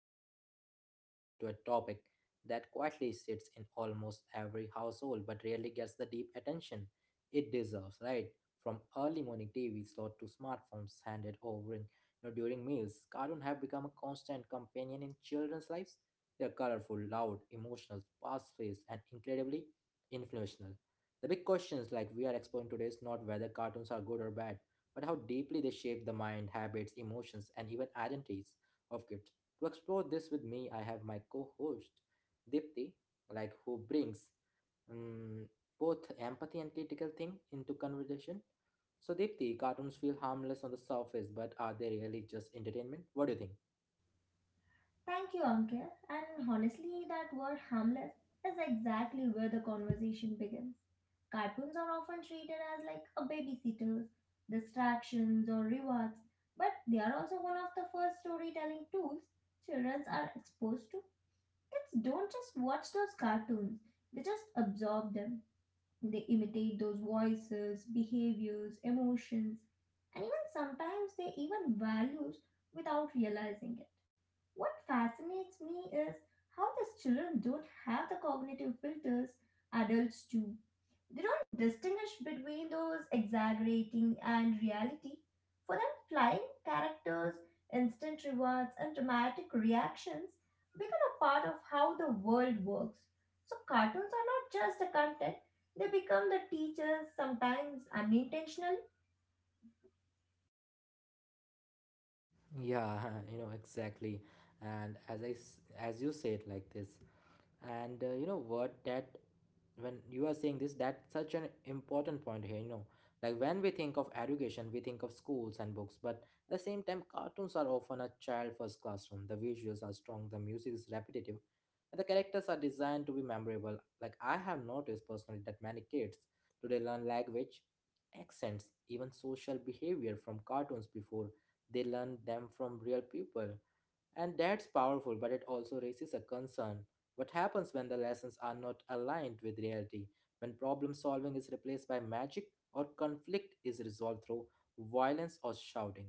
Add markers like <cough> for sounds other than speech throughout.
and today we are diving into a topic that quietly sits in almost every household but rarely gets the deep attention it deserves, right? From early morning TV slot to smartphones handed over in, during meals, cartoons have become a constant companion in children's lives. They're colorful, loud, emotional, fast-paced and incredibly influential. The big questions like we are exploring today is not whether cartoons are good or bad but how deeply they shape the mind, habits, emotions, and even identities of kids. To explore this with me, I have my co-host Dipti, like who brings um, both empathy and critical thing into conversation. So Dipti, cartoons feel harmless on the surface, but are they really just entertainment? What do you think? Thank you, Uncle. And honestly, that word harmless is exactly where the conversation begins. Cartoons are often treated as like a babysitters, distractions, or rewards, but they are also one of the first storytelling tools children are exposed to. Kids don't just watch those cartoons, they just absorb them. They imitate those voices, behaviors, emotions, and even sometimes they even values without realizing it. What fascinates me is how these children don't have the cognitive filters adults do. They don't distinguish between those exaggerating and reality. For them, flying characters, instant rewards, and dramatic reactions become a part of how the world works. So, cartoons are not just a content, they become the teachers, sometimes unintentionally. Yeah, <laughs> exactly. And as you said like this, and you know what that when you are saying this, that's such an important point here, like when we think of education we think of schools and books, but at the same time cartoons are often a child first classroom. The visuals are strong, the music is repetitive, and the characters are designed to be memorable. Like I have noticed personally that many kids today learn language, accents, even social behavior from cartoons before they learn them from real people. And that's powerful, but it also raises a concern. What happens when the lessons are not aligned with reality? When problem solving is replaced by magic or conflict is resolved through violence or shouting?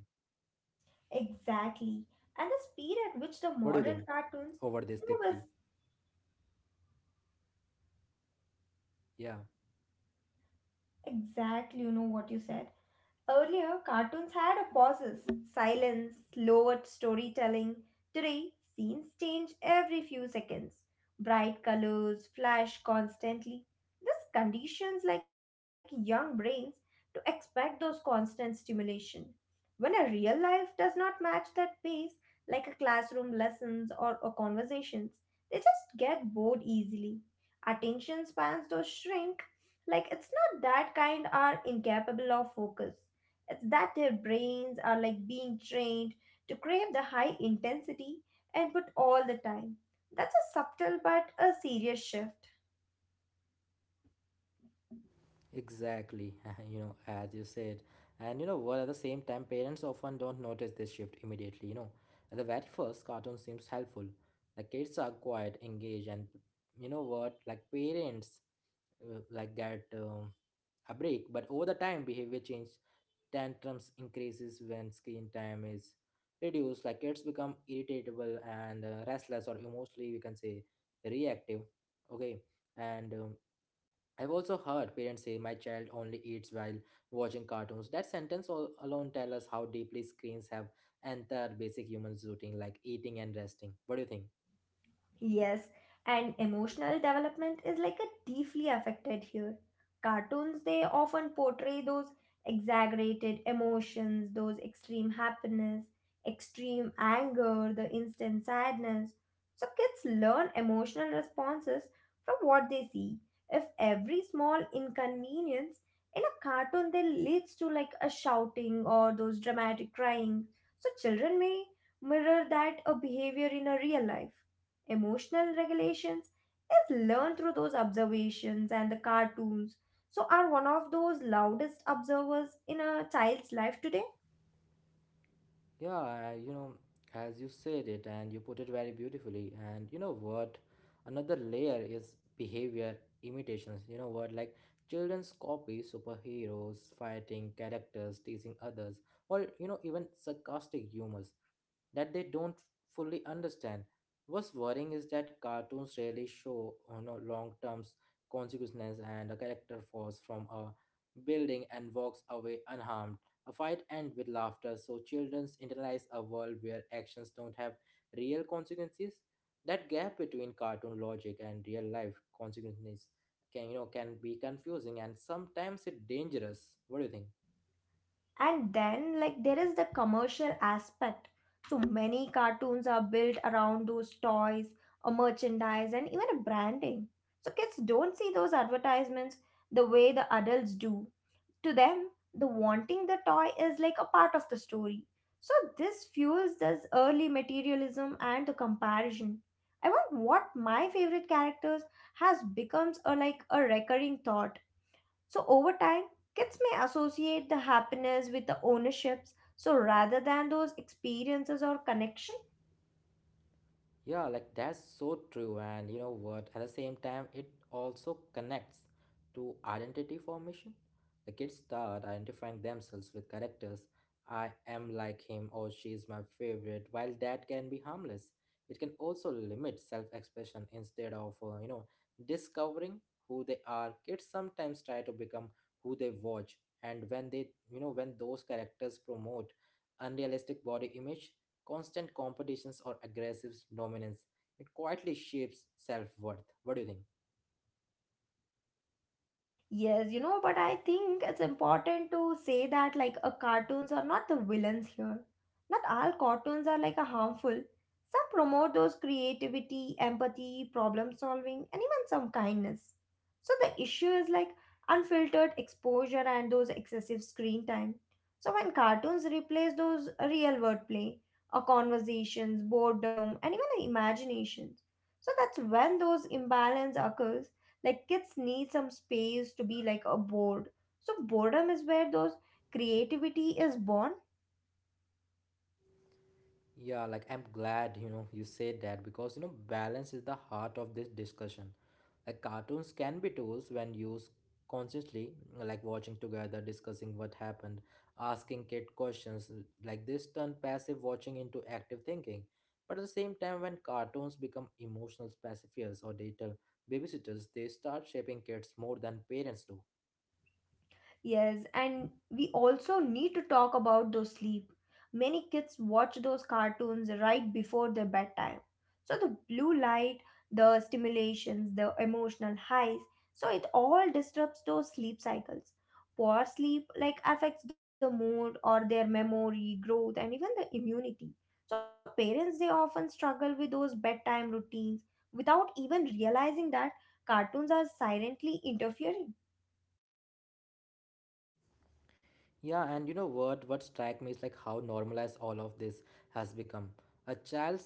Exactly. And the speed at which the What do you modern think cartoons over this, move is Dipti? Yeah, exactly, you know, what you said. Earlier, cartoons had a pauses, silence, slower storytelling. Today, scenes change every few seconds. Bright colors flash constantly. This conditions like young brains to expect those constant stimulation. When a real life does not match that pace, like a classroom lessons or conversations, they just get bored easily. Attention spans do shrink. Like it's not that kind are incapable of focus. It's that their brains are like being trained to crave the high intensity and put all the time. That's a subtle but a serious shift. exactly. <laughs> As you said. And you know what, at the same time, parents often don't notice this shift immediately. You know, at the very first, cartoon seems helpful. The kids are quiet, engaged, and you know what, like parents like that. A break, but over the time, behavior change tantrums increases when screen time is reduced. Like kids become irritable and restless or emotionally we can say reactive. Okay. And I've also heard parents say my child only eats while watching cartoons. That sentence alone tell us how deeply screens have entered basic human routine like eating and resting. What do you think? Yes, and emotional development is like a deeply affected here. Cartoons they often portray those exaggerated emotions, those extreme happiness, extreme anger, the instant sadness. So kids learn emotional responses from what they see. If every small inconvenience in a cartoon then leads to like a shouting or those dramatic crying, so children may mirror that a behavior in a real life. Emotional regulations is learned through those observations and the cartoons. So, are one of those loudest observers in a child's life today? Yeah, as you said it and you put it very beautifully. And you know what? Another layer is behavior imitations. You know what? Like children's copy superheroes, fighting characters, teasing others, or even sarcastic humors that they don't fully understand. What's worrying is that cartoons rarely show long-term consequences, and a character falls from a building and walks away unharmed. A fight ends with laughter, so children internalize a world where actions don't have real consequences. That gap between cartoon logic and real life consequences can you know can be confusing and sometimes it dangerous. What do you think? And then, like, there is the commercial aspect. So, many cartoons are built around those toys, or merchandise, and even a branding. So, kids don't see those advertisements the way the adults do. To them, the wanting the toy is like a part of the story. So this fuels this early materialism and the comparison. I want what my favorite characters has becomes a like a recurring thought. So over time, kids may associate the happiness with the ownerships. So rather than those experiences or connections. Yeah, like that's so true. And you know what? At the same time, it also connects to identity formation. The kids start identifying themselves with characters. I am like him or she is my favorite. While that can be harmless, it can also limit self expression instead of, discovering who they are. Kids sometimes try to become who they watch. And when they, you know, when those characters promote unrealistic body image, constant competitions or aggressive dominance, it quietly shapes self-worth. What do you think? Yes, you know, but I think it's important to say that like a cartoons are not the villains here. Not all cartoons are like a harmful. Some promote those creativity, empathy, problem solving, and even some kindness. So the issue is like unfiltered exposure and those excessive screen time. So when cartoons replace those real world play, or conversations, boredom, and even imaginations, so that's when those imbalance occurs like kids need some space to be like a bored so boredom is where those creativity is born. Yeah, like I'm glad you said that, because balance is the heart of this discussion. Like cartoons can be tools when used consciously, like watching together, discussing what happened, asking kid questions. Like this turn passive watching into active thinking, but at the same time when cartoons become emotional pacifiers or digital babysitters, they start shaping kids more than parents do. Yes, and we also need to talk about those sleep. Many kids watch those cartoons right before their bedtime. So the blue light, the stimulations, the emotional highs, so it all disrupts those sleep cycles. Poor sleep like affects the mood or their memory, growth and even the immunity. So parents they often struggle with those bedtime routines without even realizing that cartoons are silently interfering. Yeah, and you know what? What strike me is like how normalized all of this has become. A child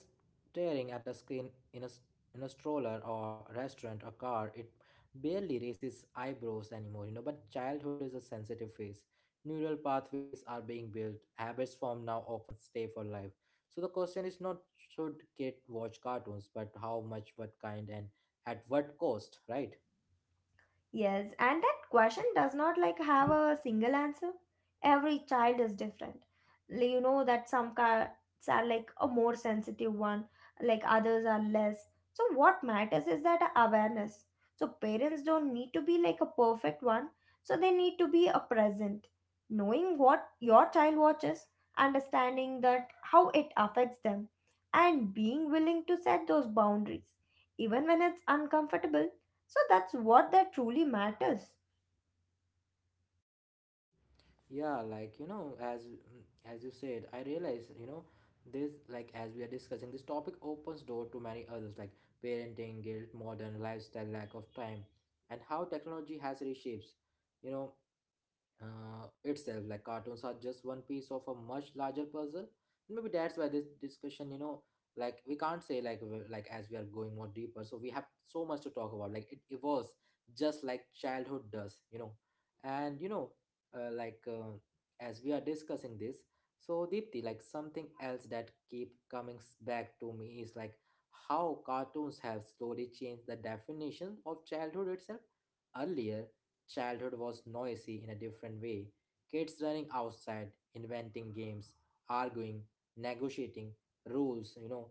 staring at a screen in a stroller or restaurant or car, it barely raises eyebrows anymore. You know, but childhood is a sensitive phase. Neural pathways are being built. Habits formed now often stay for life. So the question is not should kid watch cartoons, but how much, what kind, and at what cost, right? Yes, and that question does not like have a single answer. Every child is different. Like, you know that some kids are like a more sensitive one, like others are less. So what matters is that awareness. So parents don't need to be like a perfect one. So they need to be a present, knowing what your child watches, understanding that how it affects them, and being willing to set those boundaries, even when it's uncomfortable so that's what that truly matters. Yeah, like you know as you said, I realize this, like as we are discussing this topic opens door to many others, like parenting guilt, modern lifestyle, lack of time, and how technology has reshapes, you know itself. Like cartoons are just one piece of a much larger puzzle. Maybe that's why this discussion, you know, like we can't say, like like as we are going more deeper, so we have so much to talk about. Like it evolves just like childhood does. And like as we are discussing this, so Deepthi, like something else that keep coming back to me is like how cartoons have slowly changed the definition of childhood itself. Earlier, childhood was noisy in a different way. Kids running outside, inventing games, arguing, negotiating rules,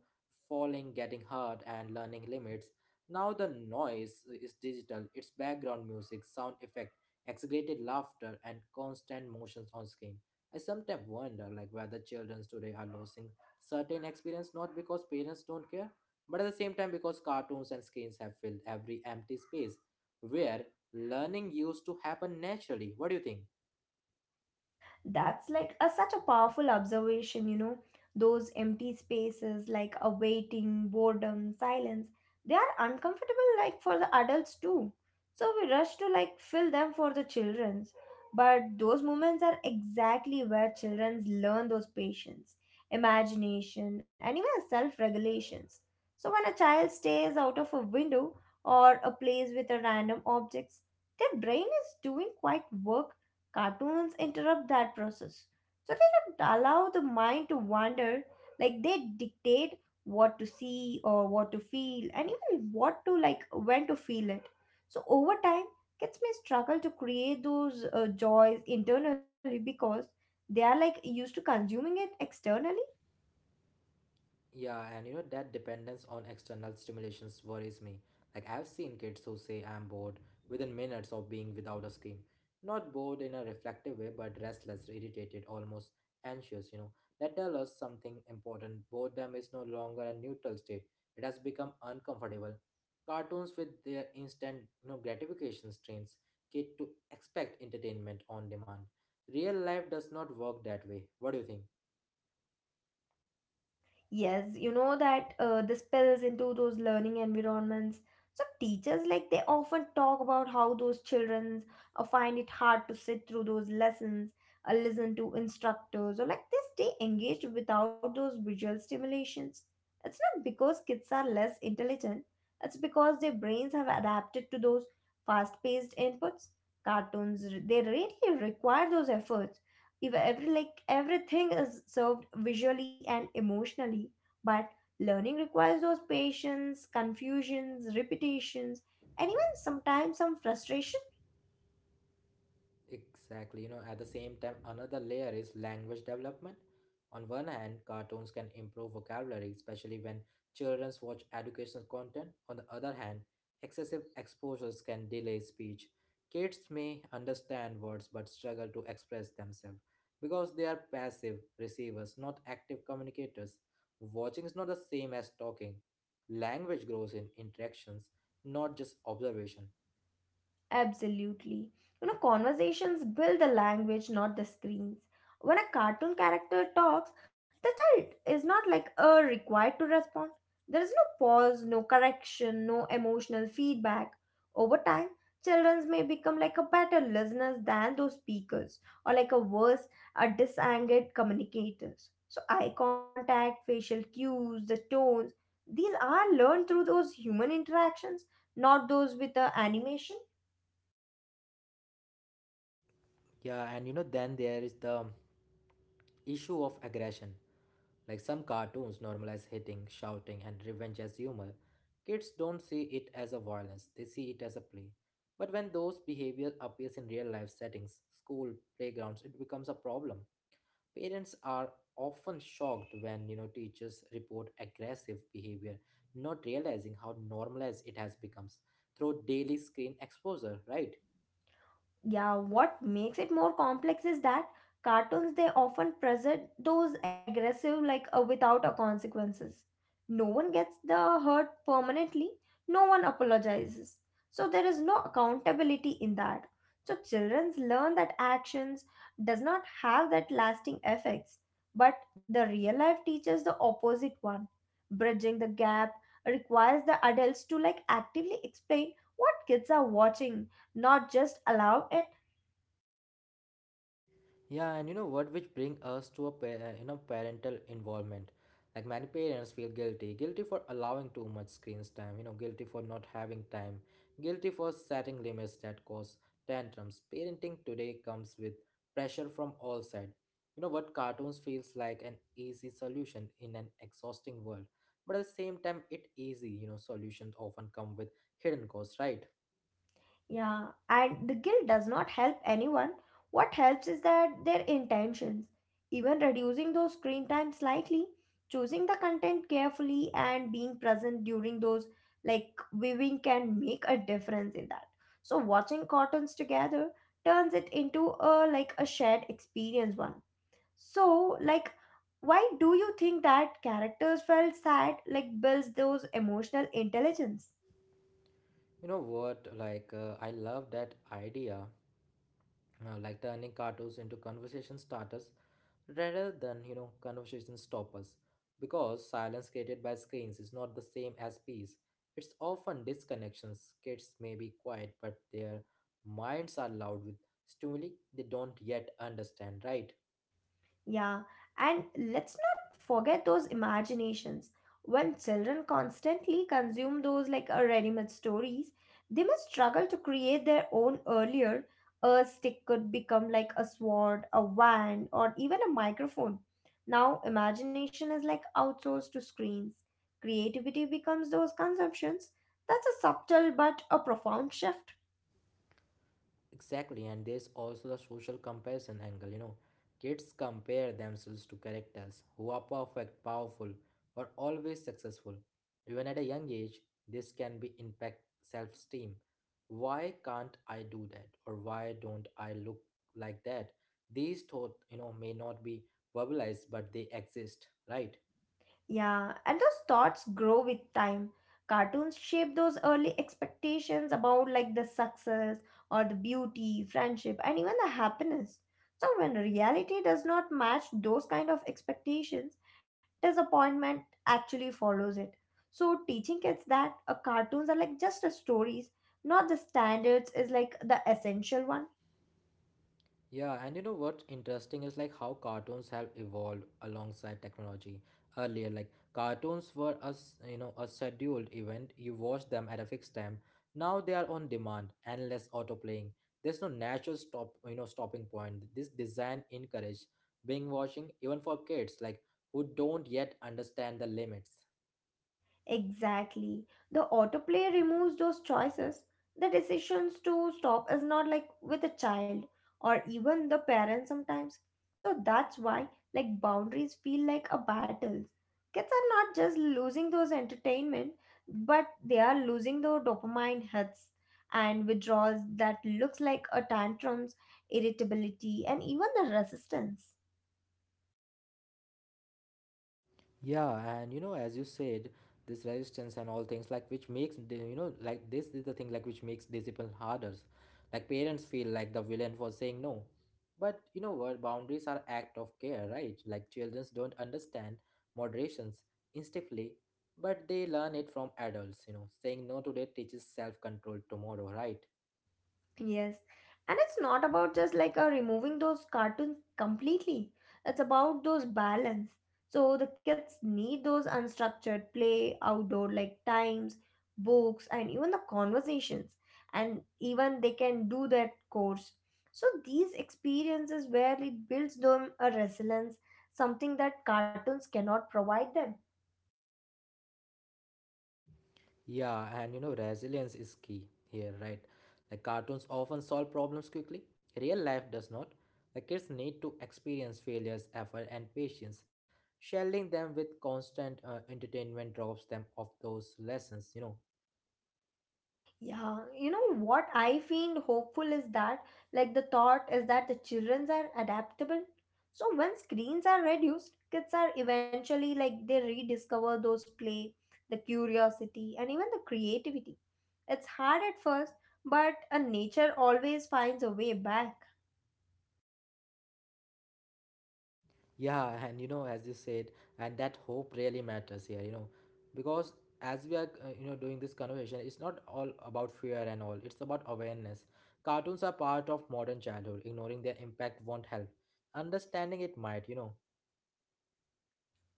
falling, getting hurt, and learning limits. Now the noise is digital. It's background music, sound effect, exaggerated laughter, and constant motions on screen. I sometimes wonder, like, whether children today are losing certain experience not because parents don't care, but at the same time because cartoons and screens have filled every empty space where learning used to happen naturally. What do you think? That's like a, such a powerful observation, you know. Those empty spaces, like a waiting, boredom, silence, they are uncomfortable, like for the adults too. So we rush to like fill them for the childrens. But those moments are exactly where childrens learn those patience, imagination, and even self regulations. So when a child stares out of a window or a plays with a random objects, their brain is doing quite work. Cartoons interrupt that process. So they don't allow the mind to wander, like they dictate what to see or what to feel and even what to like when to feel it. So over time, kids may struggle to create those joys internally because they are like used to consuming it externally. Yeah, and that dependence on external stimulations worries me. Like, I've seen kids who say, I'm bored within minutes of being without a screen. Not bored in a reflective way, but restless, irritated, almost anxious. That tells us something important. Boredom is no longer a neutral state, it has become uncomfortable. Cartoons with their instant, gratification strains kid to expect entertainment on demand. Real life does not work that way. What do you think? Yes, you know that this spills into those learning environments. So teachers like they often talk about how those children find it hard to sit through those lessons, listen to instructors, or like they stay engaged without those visual stimulations. It's not because kids are less intelligent. It's because their brains have adapted to those fast-paced inputs. Cartoons they really require those efforts. If every like everything is served visually and emotionally but learning requires those patience, confusions, repetitions, and even sometimes some frustration. Exactly, at the same time, another layer is language development. On one hand, cartoons can improve vocabulary, especially when children watch educational content. On the other hand, excessive exposures can delay speech. Kids may understand words but struggle to express themselves because they are passive receivers, not active communicators. Watching is not the same as talking. Language grows in interactions, not just observation. Absolutely. You know, conversations build the language, not the screens. When a cartoon character talks, the child is not like a required to respond. There is no pause, no correction, no emotional feedback. Over time, children may become like a better listeners than those speakers, or like a worse, a disangered communicators. So eye contact, facial cues, the tones, these are learned through those human interactions, not those with the animation. Yeah, and then there is the issue of aggression. Like some cartoons normalize hitting, shouting, and revenge as humor, kids don't see it as a violence, they see it as a play. But when those behavior appears in real life settings, school, playgrounds, it becomes a problem. Parents are often shocked when teachers report aggressive behavior, not realizing how normalized it has become through daily screen exposure, right? Yeah, what makes it more complex is that cartoons they often present those aggressive like without a consequences, no one gets the hurt permanently, no one apologizes, so there is no accountability in that. So children learn that actions does not have that lasting effects, but the real life teaches the opposite one. Bridging the gap requires the adults to like actively explain what kids are watching, not just allow it. Yeah, and you know what, which bring us to a parental involvement. Like many parents feel guilty, guilty for allowing too much screen time, guilty for not having time, guilty for setting limits that cause tantrums. Parenting today comes with pressure from all sides. You know what, cartoons feels like an easy solution in an exhausting world, but at the same time, it easy. You know, solutions often come with hidden costs, right? Yeah, and the guilt does not help anyone. What helps is that their intentions, even reducing those screen time slightly, choosing the content carefully and being present during those like viewing can make a difference in that. So watching cartoons together turns it into a like a shared experience one, so like why do you think that characters felt sad like builds those emotional intelligence. You know what, like I love that idea, like turning cartoons into conversation starters rather than conversation stoppers, because silence created by screens is not the same as peace. It's often disconnections. Kids may be quiet, but their minds are loud with stimuli they don't yet understand, right? Yeah, and let's not forget those imaginations. When children constantly consume those like ready-made stories, they must struggle to create their own earlier. A stick could become like a sword, a wand, or even a microphone. Now, imagination is like outsourced to screens. Creativity becomes those consumptions. That's a subtle but a profound shift. Exactly, and there's also the social comparison angle. Kids compare themselves to characters who are perfect, powerful, or always successful. Even at a young age, this can be impact self-esteem. Why can't I do that? Or why don't I look like that? These thoughts, may not be verbalized, but they exist, right? Yeah, and those thoughts grow with time. Cartoons shape those early expectations about like the success or the beauty, friendship, and even the happiness. So when reality does not match those kind of expectations, disappointment actually follows it. So teaching kids that cartoons are like just a stories, not the standards is like the essential one. Yeah, and you know what's interesting is like how cartoons have evolved alongside technology. Earlier, like cartoons were a scheduled event. You watched them at a fixed time. Now they are on demand, endless autoplaying. There's no natural stopping point. This design encourage binge watching even for kids like who don't yet understand the limits. Exactly. The autoplay removes those choices. The decisions to stop is not like with a child or even the parent sometimes. So that's why like boundaries feel like a battle. Kids are not just losing those entertainment, but they are losing the dopamine hits and withdrawals that looks like a tantrums, irritability, and even the resistance. Yeah, and as you said, this resistance and all things, like which makes this is the thing, like which makes discipline harder. Like parents feel like the villain for saying no, but you know what? Boundaries are act of care, right? Like children don't understand moderations instinctively, but they learn it from adults. Saying no today teaches self control tomorrow, right? Yes. And it's not about just like removing those cartoons completely. It's about those balance. So the kids need those unstructured play, outdoor like times, books, and even the conversations. And even they can do that course. So these experiences where it builds them a resilience, something that cartoons cannot provide them. Yeah, and resilience is key here, right? Like cartoons often solve problems quickly. Real life does not. The kids need to experience failures, effort, and patience. Shielding them with constant entertainment drops them off those lessons. Yeah, you know what I feel hopeful is that, like, the thought is that the children are adaptable. So, when screens are reduced, kids are eventually like they rediscover those play, the curiosity, and even the creativity. It's hard at first, but a nature always finds a way back. Yeah, as you said, and that hope really matters here, because as we are, doing this conversation, it's not all about fear and all, it's about awareness. Cartoons are part of modern childhood, ignoring their impact won't help. Understanding it might.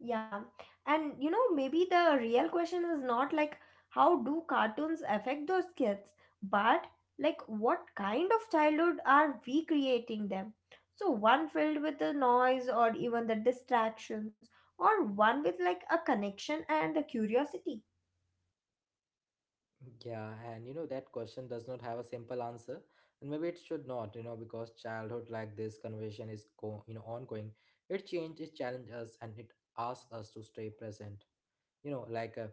Yeah. And you know, maybe the real question is not like how do cartoons affect those kids, but like what kind of childhood are we creating them? So, one filled with the noise or even the distractions, or one with like a connection and the curiosity. Yeah, that question does not have a simple answer, and maybe it should not, because childhood like this conversation is ongoing. It changes, it challenges, and it asks us to stay present. you know like uh,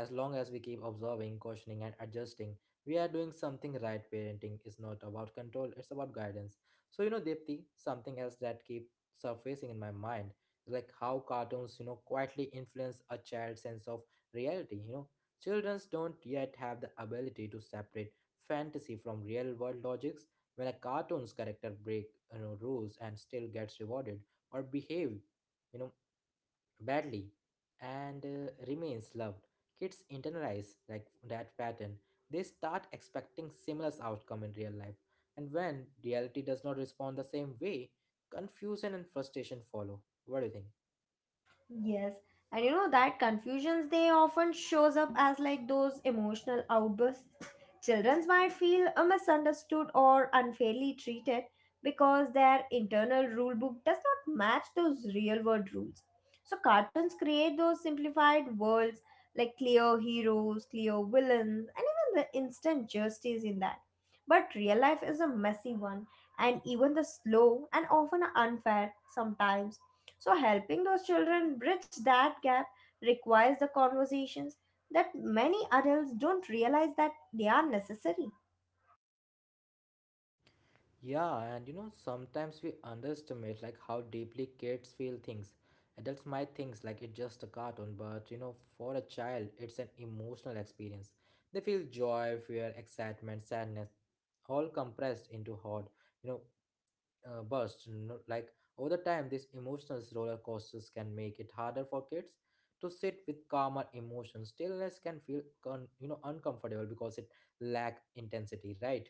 as long as we keep observing, cautioning, and adjusting, we are doing something right. Parenting is not about control, it's about guidance. So Dipti, something else that keep surfacing in my mind is like how cartoons quietly influence a child's sense of reality. Children don't yet have the ability to separate fantasy from real world logics. When a cartoon's character break rules and still gets rewarded, or behave you know badly, and remains loved, kids internalize like that pattern. They start expecting similar outcome in real life, and when reality does not respond the same way, confusion and frustration follow. What do you think? Yes, and you know that confusions they often shows up as like those emotional outbursts. Children might feel misunderstood or unfairly treated because their internal rule book does not match those real world rules. So cartoons create those simplified worlds like clear heroes, clear villains, and even the instant justice in that. But real life is a messy one, and even the slow and often unfair sometimes so, helping those children bridge that gap requires the conversations that many adults don't realize that they are necessary. Yeah, and you know sometimes we underestimate like how deeply kids feel things. Adults might think like it's just a cartoon, but for a child it's an emotional experience. They feel joy, fear, excitement, sadness, all compressed into hot you know bursts. Like over the time, these emotional roller coasters can make it harder for kids to sit with calmer emotions. Stillness can feel uncomfortable because it lack intensity, right?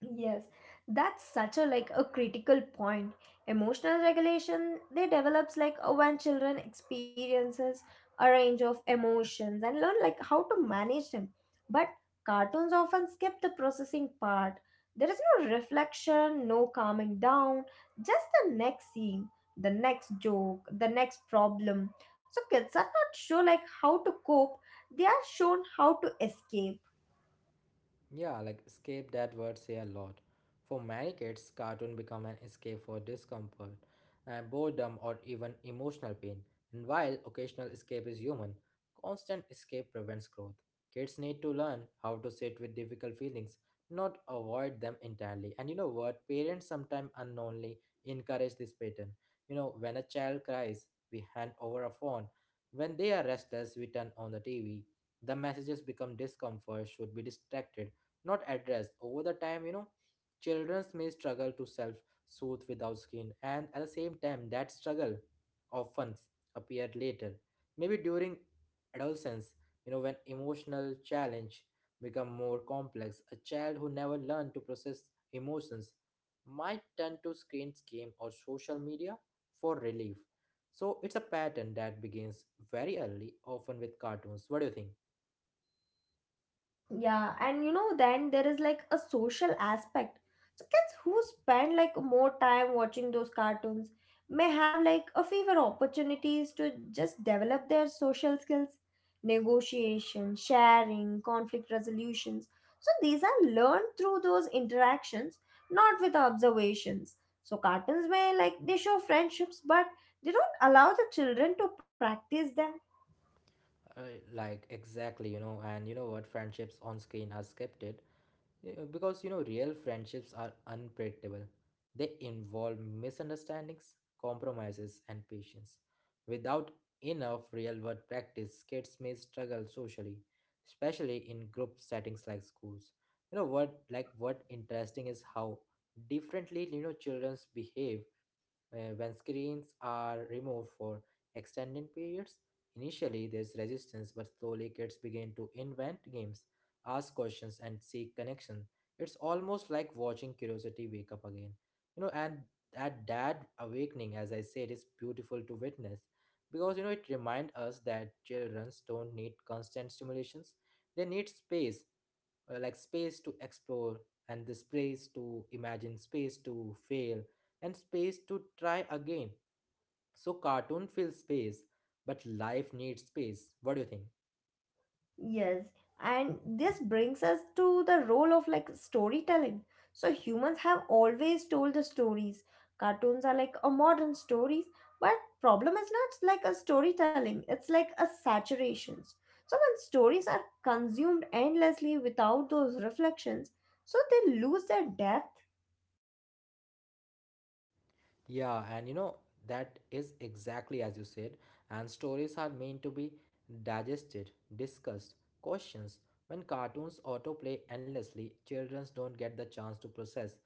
Yes, that's such a like a critical point. Emotional regulation they develops like when children experiences a range of emotions and learn like how to manage them. But cartoons often skip the processing part. There is no reflection, no calming down, just the next scene, the next joke, the next problem. So kids are not sure like how to cope. They are shown how to escape. Yeah, like escape, that word say a lot. For many kids, cartoon become an escape for discomfort, boredom, or even emotional pain. And while occasional escape is human, constant escape prevents growth. Kids need to learn how to sit with difficult feelings, not avoid them entirely. And you know what? Parents sometimes unknowingly encourage this pattern. When a child cries, we hand over a phone. When they are restless, we turn on the TV. The messages become discomfort should be distracted, not addressed. Over the time, children may struggle to self soothe without screen, and at the same time that struggle often appear later, maybe during adolescence, when emotional challenge become more complex. A child who never learned to process emotions might turn to screens, game, or social media for relief. So it's a pattern that begins very early, often with cartoons. What do you think? Yeah, and you know, then there is like a social aspect. So kids who spend like more time watching those cartoons may have like a fewer opportunities to just develop their social skills, negotiation, sharing, conflict resolutions. So these are learned through those interactions, not with observations. So cartoons may like they show friendships, but they don't allow the children to practice them. Uh, like exactly, and you know what, friendships on screen are scripted, because real friendships are unpredictable. They involve misunderstandings, compromises, and patience. Without enough real world practice, kids may struggle socially, especially in group settings like schools. You know what, like what interesting is how differently childrens behave when screens are removed for extended periods. Initially there's resistance, but slowly kids begin to invent games, ask questions, and seek connection. It's almost like watching curiosity wake up again. You know, and that awakening, as I said, is beautiful to witness because it reminds us that children don't need constant stimulations; they need space, like space to explore, and the space to imagine, space to fail, and space to try again. So cartoon fills space, but life needs space. What do you think? Yes, and this brings us to the role of like storytelling. So humans have always told the stories. Cartoons are like a modern stories, but problem is not like a storytelling. It's like a saturations. So when stories are consumed endlessly without those reflections, so they lose their depth. Yeah, that is exactly as you said. And stories are meant to be digested, discussed, questions. When cartoons autoplay endlessly, children don't get the chance to process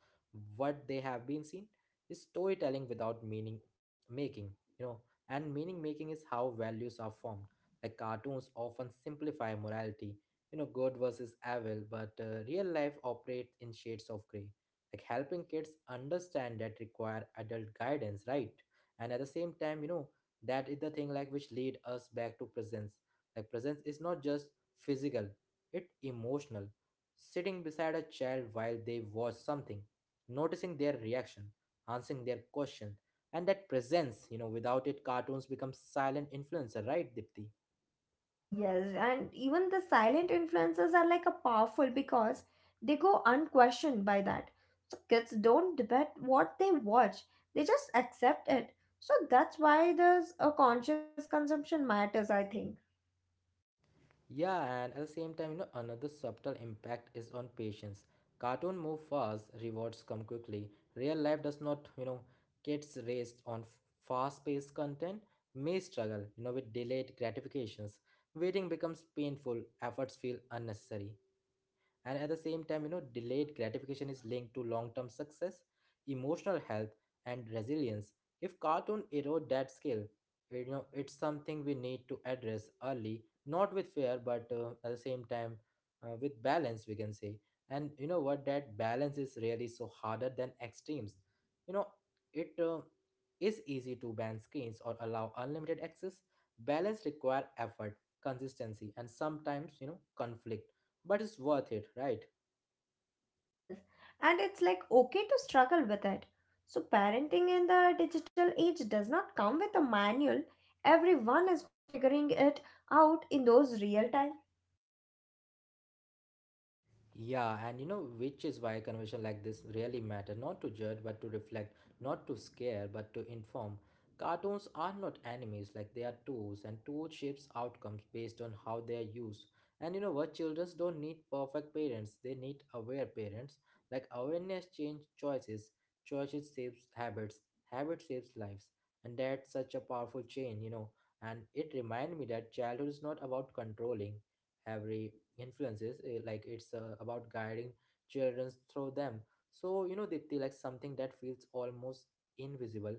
what they have been seen. Is storytelling without meaning making, you know, and meaning making is how values are formed. Like cartoons often simplify morality, good versus evil, but real life operates in shades of gray. Like helping kids understand that require adult guidance, right? And at the same time, that is the thing like which lead us back to presence. Like presence is not just physical, it emotional. Sitting beside a child while they watch something, noticing their reaction, answering their question. And that presence, without it cartoons become silent influencer, right Dipti? Yes, and even the silent influences are like a powerful because they go unquestioned by that. So kids don't debate what they watch, they just accept it. So that's why there's a conscious consumption matters, I think. Yeah, and at the same time, another subtle impact is on patience. Cartoon move fast, rewards come quickly. Real life does not. Kids raised on fast-paced content may struggle, with delayed gratifications. Waiting becomes painful, efforts feel unnecessary. And at the same time, delayed gratification is linked to long term success, emotional health, and resilience. If cartoon erode that skill, it's something we need to address early, not with fear, but at the same time, with balance, we can say. And you know what, that balance is really so harder than extremes. You know it is easy to ban screens or allow unlimited access. Balance require effort, consistency, and sometimes, conflict. But it's worth it, right? Yes, and it's like okay to struggle with it. So parenting in the digital age does not come with a manual. Everyone is figuring it out in those real time. Yeah, and which is why conversation like this really matter, not to judge but to reflect, not to scare but to inform. Cartoons are not enemies, like they are tools, and tools shapes outcomes based on how they are used. And you know what, children don't need perfect parents, they need aware parents. Like awareness change choices, choices shapes habits, habits shapes lives. And that's such a powerful chain. And it remind me that childhood is not about controlling every influences, eh, like it's about guiding children through them. So they like something that feels almost invisible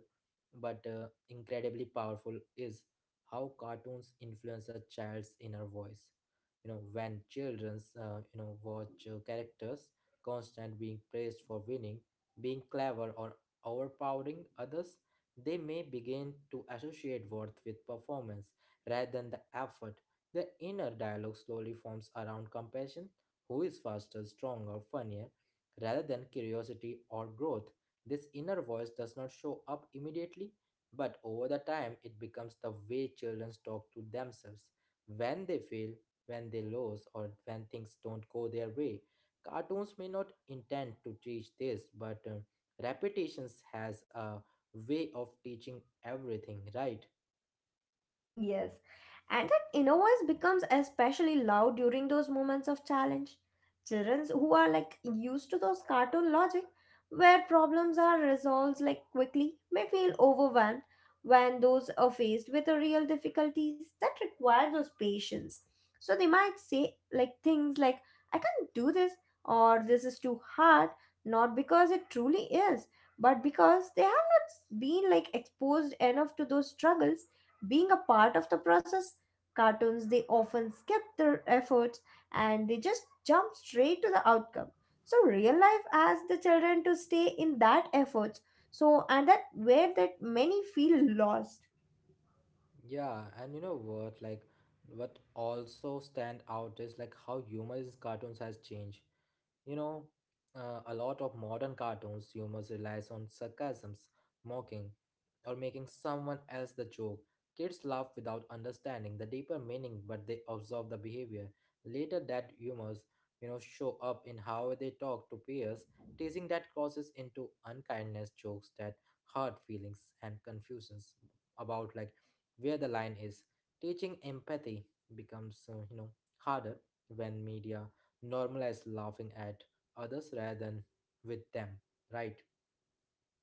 but incredibly powerful is how cartoons influence a child's inner voice. You know when children's you know watch characters constant being praised for winning, being clever, or overpowering others, they may begin to associate worth with performance rather than the effort. The inner dialogue slowly forms around compassion, who is faster, stronger, funnier, rather than curiosity or growth. This inner voice does not show up immediately, but over the time it becomes the way children talk to themselves when they fail, when they lose, or when things don't go their way. Cartoons may not intend to teach this, but repetitions has a way of teaching everything, right? Yes, and that inner voice becomes especially loud during those moments of challenge. Children who are like used to those cartoon logic where problems are resolved like quickly may feel overwhelmed when those are faced with the real difficulties that require those patience. So they might say like things like I can't do this or this is too hard, not because it truly is, but because they have not been like exposed enough to those struggles being a part of the process. Cartoons, they often skip their efforts and they just jump straight to the outcome. So real life asks the children to stay in that efforts. So and that where that many feel lost. Yeah, and you know what? Like, what also stand out is like how humor in cartoons has changed. You know, a lot of modern cartoons humors relies on sarcasms, mocking, or making someone else the joke. Kids laugh without understanding the deeper meaning, but they observe the behavior. Later, that humors, show up in how they talk to peers, teasing that causes into unkindness, jokes that hurt feelings, and confusions about like where the line is. Teaching empathy becomes, harder when media normalize laughing at others rather than with them, right?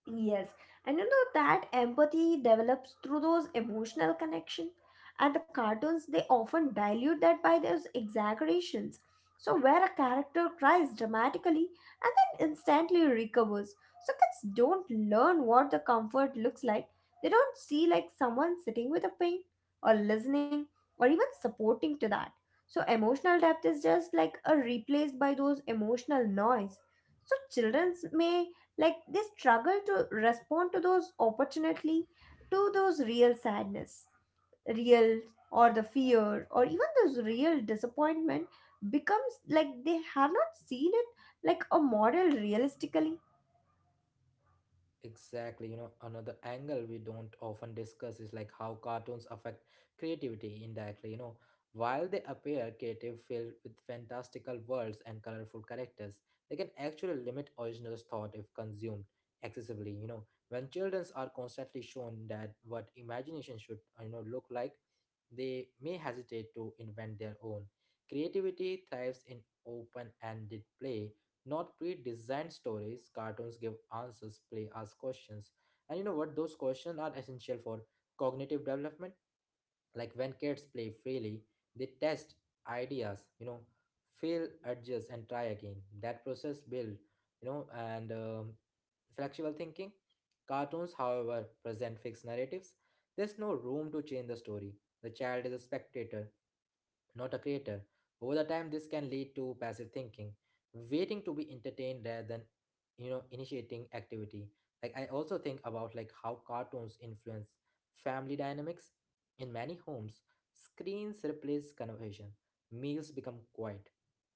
Yes, and you know that empathy develops through those emotional connection, and the cartoons they often dilute that by those exaggerations. So where a character cries dramatically and then instantly recovers, so kids don't learn what the comfort looks like. They don't see like someone sitting with a pain or listening or even supporting to that. So emotional depth is just like a replaced by those emotional noise. So childrens may like they struggle to respond to those opportunity to those real sadness, real or the fear or even those real disappointment becomes like they have not seen it like a model realistically. Exactly, another angle we don't often discuss is like how cartoons affect creativity indirectly. You know, while they appear creative, filled with fantastical worlds and colorful characters, they can actually limit original thought if consumed excessively. You know, when children are constantly shown that what imagination should, look like, they may hesitate to invent their own. Creativity thrives in open-ended play, not pre-designed stories. Cartoons give answers, play asks questions. And what, those questions are essential for cognitive development. Like when kids play freely, they test ideas, fail, adjust, and try again. That process build, you know and flexible thinking. Cartoons however present fixed narratives, there's no room to change the story. The child is a spectator, not a creator. Over the time this can lead to passive thinking, waiting to be entertained rather than initiating activity. Like I also think about like how cartoons influence family dynamics. In many homes, screens replace conversation, meals become quiet,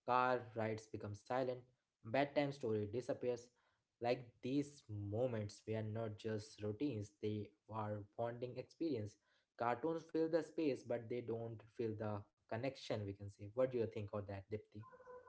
car rides become silent, bedtime story disappears. Like these moments were not just routines, they are bonding experience. Cartoons fill the space, but they don't fill the connection, we can say. What do you think of that, Dipti?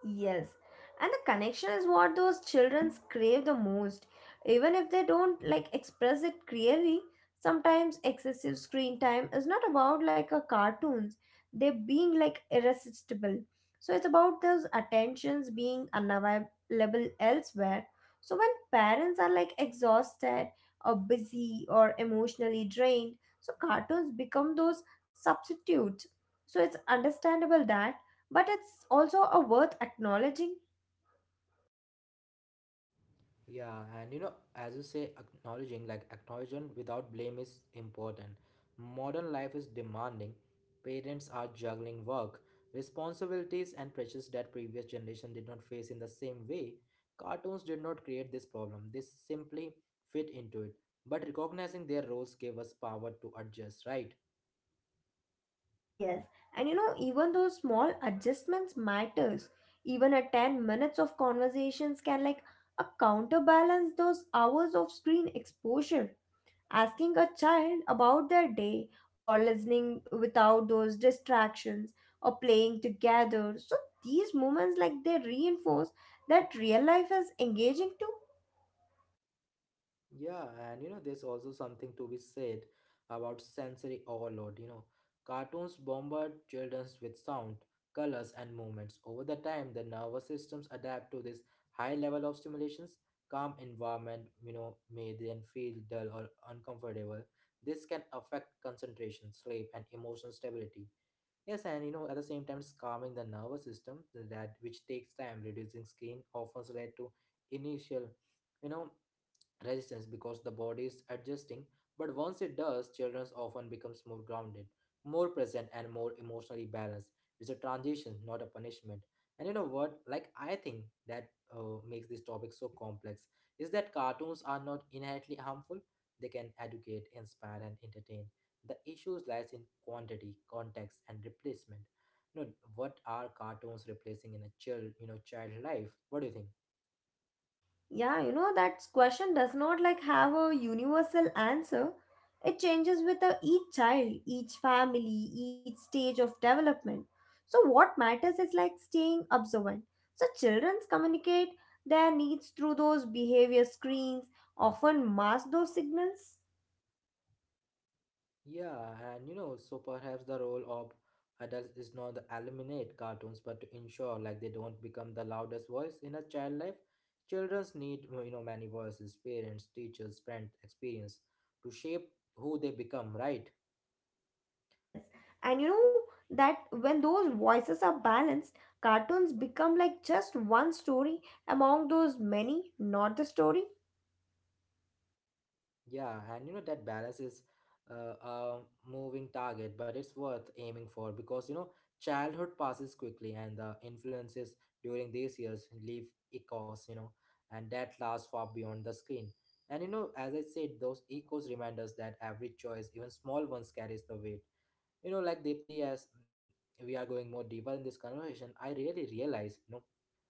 Yes, and the connection is what those children crave the most. Even if they don't like express it clearly, sometimes excessive screen time is not about like a cartoons. They're being like irresistible. So it's about those attentions being unavailable elsewhere. So when parents are like exhausted or busy or emotionally drained, so cartoons become those substitutes. So it's understandable that, but it's also a worth acknowledging. Yeah, and you know, as you say, acknowledging, like acknowledging without blame is important. Modern life is demanding. Parents are juggling work, responsibilities, and pressures that previous generation did not face in the same way. Cartoons did not create this problem. They simply fit into it. But recognizing their roles gave us power to adjust, right? Yes, and you know even those small adjustments matters, even a 10 minutes of conversations can like a counterbalance those hours of screen exposure, asking a child about their day or listening without those distractions or playing together. So these moments like they reinforce that real life is engaging too. Yeah, and you know, there's also something to be said about sensory overload. You know, cartoons bombard children with sound, colors, and movements. Over the time, the nervous systems adapt to this high level of stimulations. Calm environment, may then feel dull or uncomfortable. This can affect concentration, sleep, and emotional stability. Yes, and you know, at the same time, it's calming the nervous system that which takes time. Reducing screen often led to initial you know resistance because the body is adjusting, but once it does, children often becomes more grounded, more present, and more emotionally balanced. It's a transition, not a punishment. And you know what? Like I think that makes this topic so complex is that cartoons are not inherently harmful. They can educate, inspire, and entertain. The issues lies in quantity, context, and replacement. You know what are cartoons replacing in a child, you know, child life? What do you think? Yeah, you know that question does not like have a universal answer. It changes with the, each child, each family, each stage of development. So what matters is like staying observant. So children communicate their needs through those behavior screens, often mask those signals. Yeah, and you know, so perhaps the role of adults is not to eliminate cartoons, but to ensure like they don't become the loudest voice in a child life. Childrens need you know many voices, parents, teachers, friends, experience to shape who they become, right? Yes. And you know that when those voices are balanced, cartoons become like just one story among those many, not the story. Yeah, and you know that balance is a moving target, but it's worth aiming for because you know childhood passes quickly, and the influences during these years leave echoes, you know, and that lasts far beyond the screen. And you know, as I said, those echoes remind us that every choice, even small ones, carries the weight you know like Deepti, as we are going more deeper in this conversation I really realize you know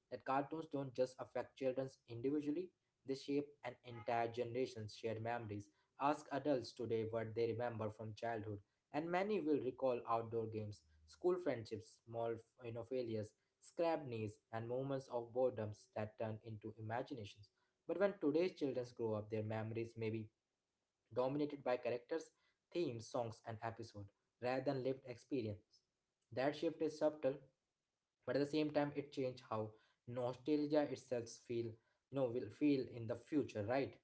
that cartoons don't just affect children individually, they shape an entire generation's shared memories. Ask adults today what they remember from childhood, and many will recall outdoor games, school friendships, small, you know, failures, scrapped knees, and moments of boredoms that turn into imaginations. But when today's children grow up, their memories may be dominated by characters, themes, songs, and episodes rather than lived experience. That shift is subtle, but at the same time it changed how nostalgia itself feel you know will feel in the future, right?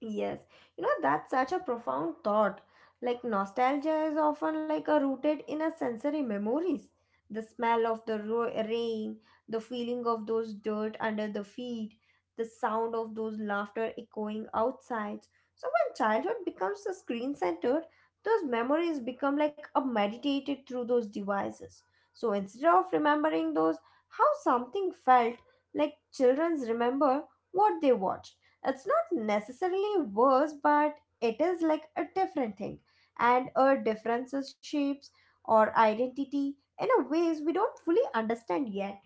Yes, you know, that's such a profound thought. Like, nostalgia is often like a rooted in a sensory memories. The smell of the rain, the feeling of those dirt under the feet, the sound of those laughter echoing outside. So, when childhood becomes the screen centered, those memories become like a meditated through those devices. So, instead of remembering those, how something felt, like children's remember what they watched, it's not necessarily worse, but it is like a different thing. And our differences shapes or identity in a ways we don't fully understand yet.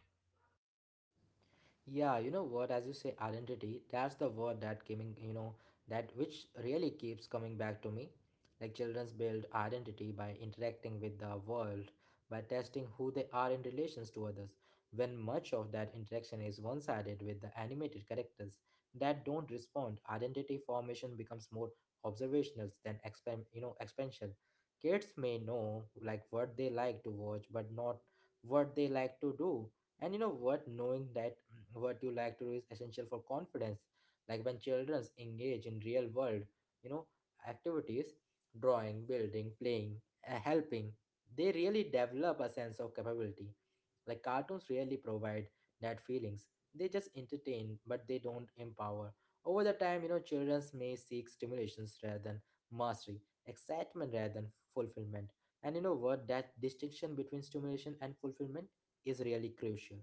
Yeah, you know what, as you say, identity, that's the word that came in, you know, that which really keeps coming back to me. Like children's build identity by interacting with the world, by testing who they are in relations to others. When much of that interaction is one sided with the animated characters that don't respond, identity formation becomes more observational than you know, expansion. Kids may know like what they like to watch, but not what they like to do. And you know what? Knowing that what you like to do is essential for confidence like when children engage in real world you know activities, drawing, building, playing, helping, they really develop a sense of capability. Like cartoons really provide that feelings, they just entertain but they don't empower. Over the time, you know, children may seek stimulations rather than mastery, excitement rather than fulfillment. And you know what, that distinction between stimulation and fulfillment is really crucial.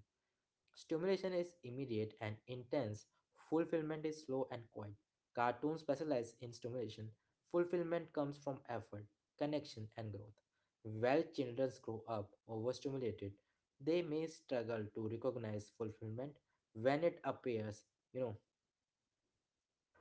Stimulation is immediate and intense, fulfillment is slow and quiet. Cartoons specialize in stimulation. Fulfillment comes from effort, connection, and growth. While children grow up overstimulated, they may struggle to recognize fulfillment when it appears. You know,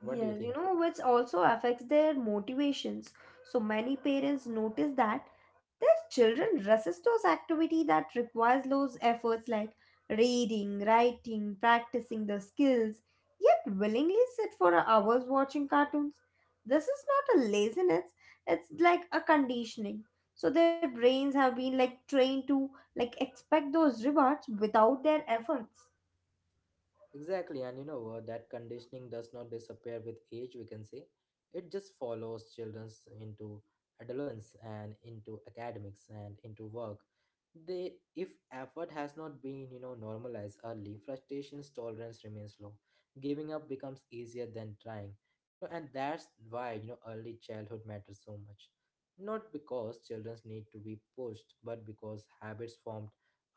what do you Yes, you think? know, which also affects their motivations. So many parents notice that their children resist those activity that requires those efforts like reading, writing, practicing the skills, yet willingly sit for hours watching cartoons. This is not a laziness, it's like a conditioning. So their brains have been like trained to like expect those rewards without their efforts. Exactly, and you know what? That conditioning does not disappear with age, we can say. It just follows children into adolescence and into academics and into work. They, if effort has not been, you know, normalized early, frustration's tolerance remains low. Giving up becomes easier than trying. You know, and that's why, you know, early childhood matters so much. Not because children need to be pushed, but because habits formed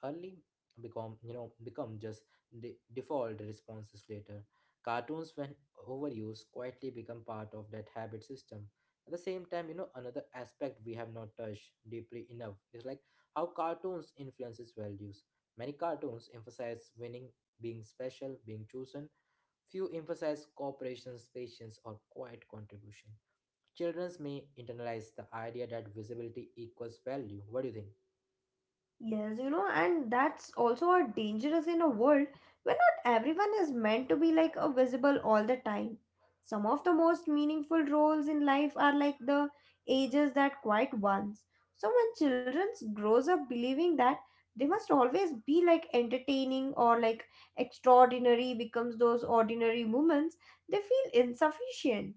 early become, you know, become just default responses later. Cartoons, when overused, quietly become part of that habit system. At the same time, you know, another aspect we have not touched deeply enough is like how cartoons influences values. Many cartoons emphasize winning, being special, being chosen. Few emphasize cooperation, patience, or quiet contribution. Children may internalize the idea that visibility equals value. What do you think? Yes, you know, and that's also a dangerous in a world where not everyone is meant to be like a visible all the time. Some of the most meaningful roles in life are like the ages that quiet ones. So when children grows up believing that they must always be like entertaining or like extraordinary becomes those ordinary moments, they feel insufficient.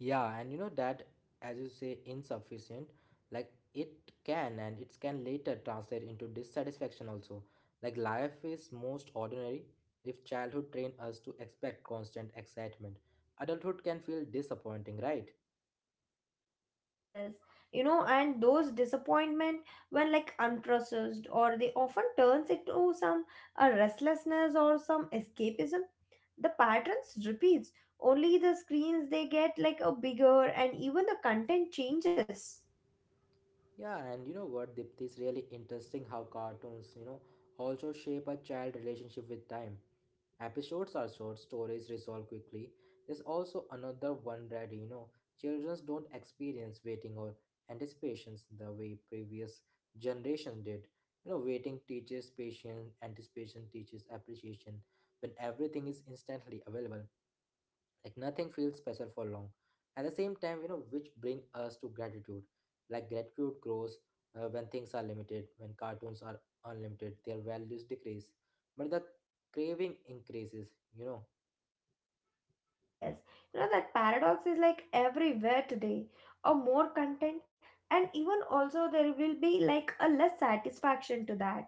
Yeah, and you know that, as you say, insufficient, like it can and it can later translate into dissatisfaction also. Like life is most ordinary if childhood trained us to expect constant excitement. Adulthood can feel disappointing, right? Yes, you know, and those disappointment when like unprocessed, or they often turns into some a restlessness or some escapism. The patterns repeats. Only the screens they get like a bigger, and even the content changes. Yeah, and you know what, Dipti, it's really interesting how cartoons, you know, also shape a child relationship with time. Episodes are short, stories resolve quickly. There's also another one that, you know, children don't experience waiting or anticipations the way previous generations did. You know, waiting teaches patience, anticipation teaches appreciation. When everything is instantly available, like nothing feels special for long. At the same time, you know, which bring us to gratitude. Like gratitude grows when things are limited. When cartoons are unlimited, their values decrease but the craving increases, you know. Yes, you know that paradox is like everywhere today. A more content, and even also there will be like a less satisfaction to that.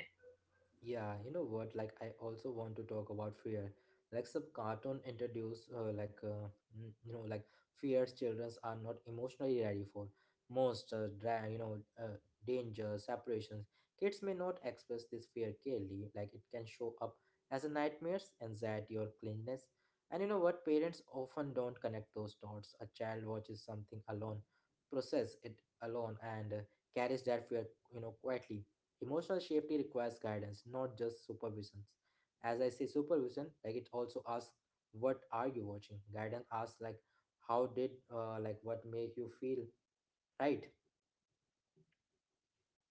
Yeah, you know what? Like, I also want to talk about fear. Like, some cartoon introduce, you know, like fears Childrens are not emotionally ready for. Most, you know, dangers, separations. Kids may not express this fear clearly. Like, it can show up as a nightmares, anxiety, or cleanliness. And you know what? Parents often don't connect those dots. A child watches something alone, process it alone, and carries that fear, you know, quietly. Emotional safety requires guidance, not just supervision. As I say supervision, like it also asks, what are you watching? Guidance asks like, how did like what make you feel, right?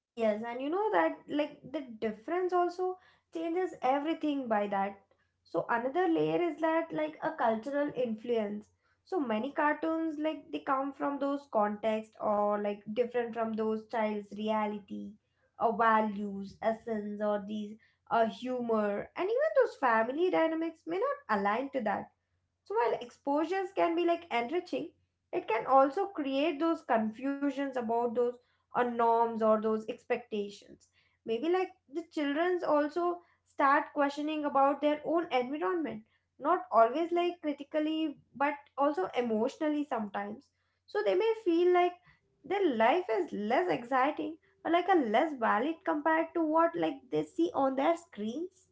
Yes, and you know that like the difference also changes everything by that. So another layer is that like a cultural influence. So many cartoons like they come from those context or like different from those child's reality, or values, essence, or these humor, and even those family dynamics may not align to that. So while exposures can be like enriching, it can also create those confusions about those or norms or those expectations, maybe like the childrens also start questioning about their own environment, not always like critically but also emotionally sometimes. So they may feel like their life is less exciting or like a less valid compared to what like they see on their screens.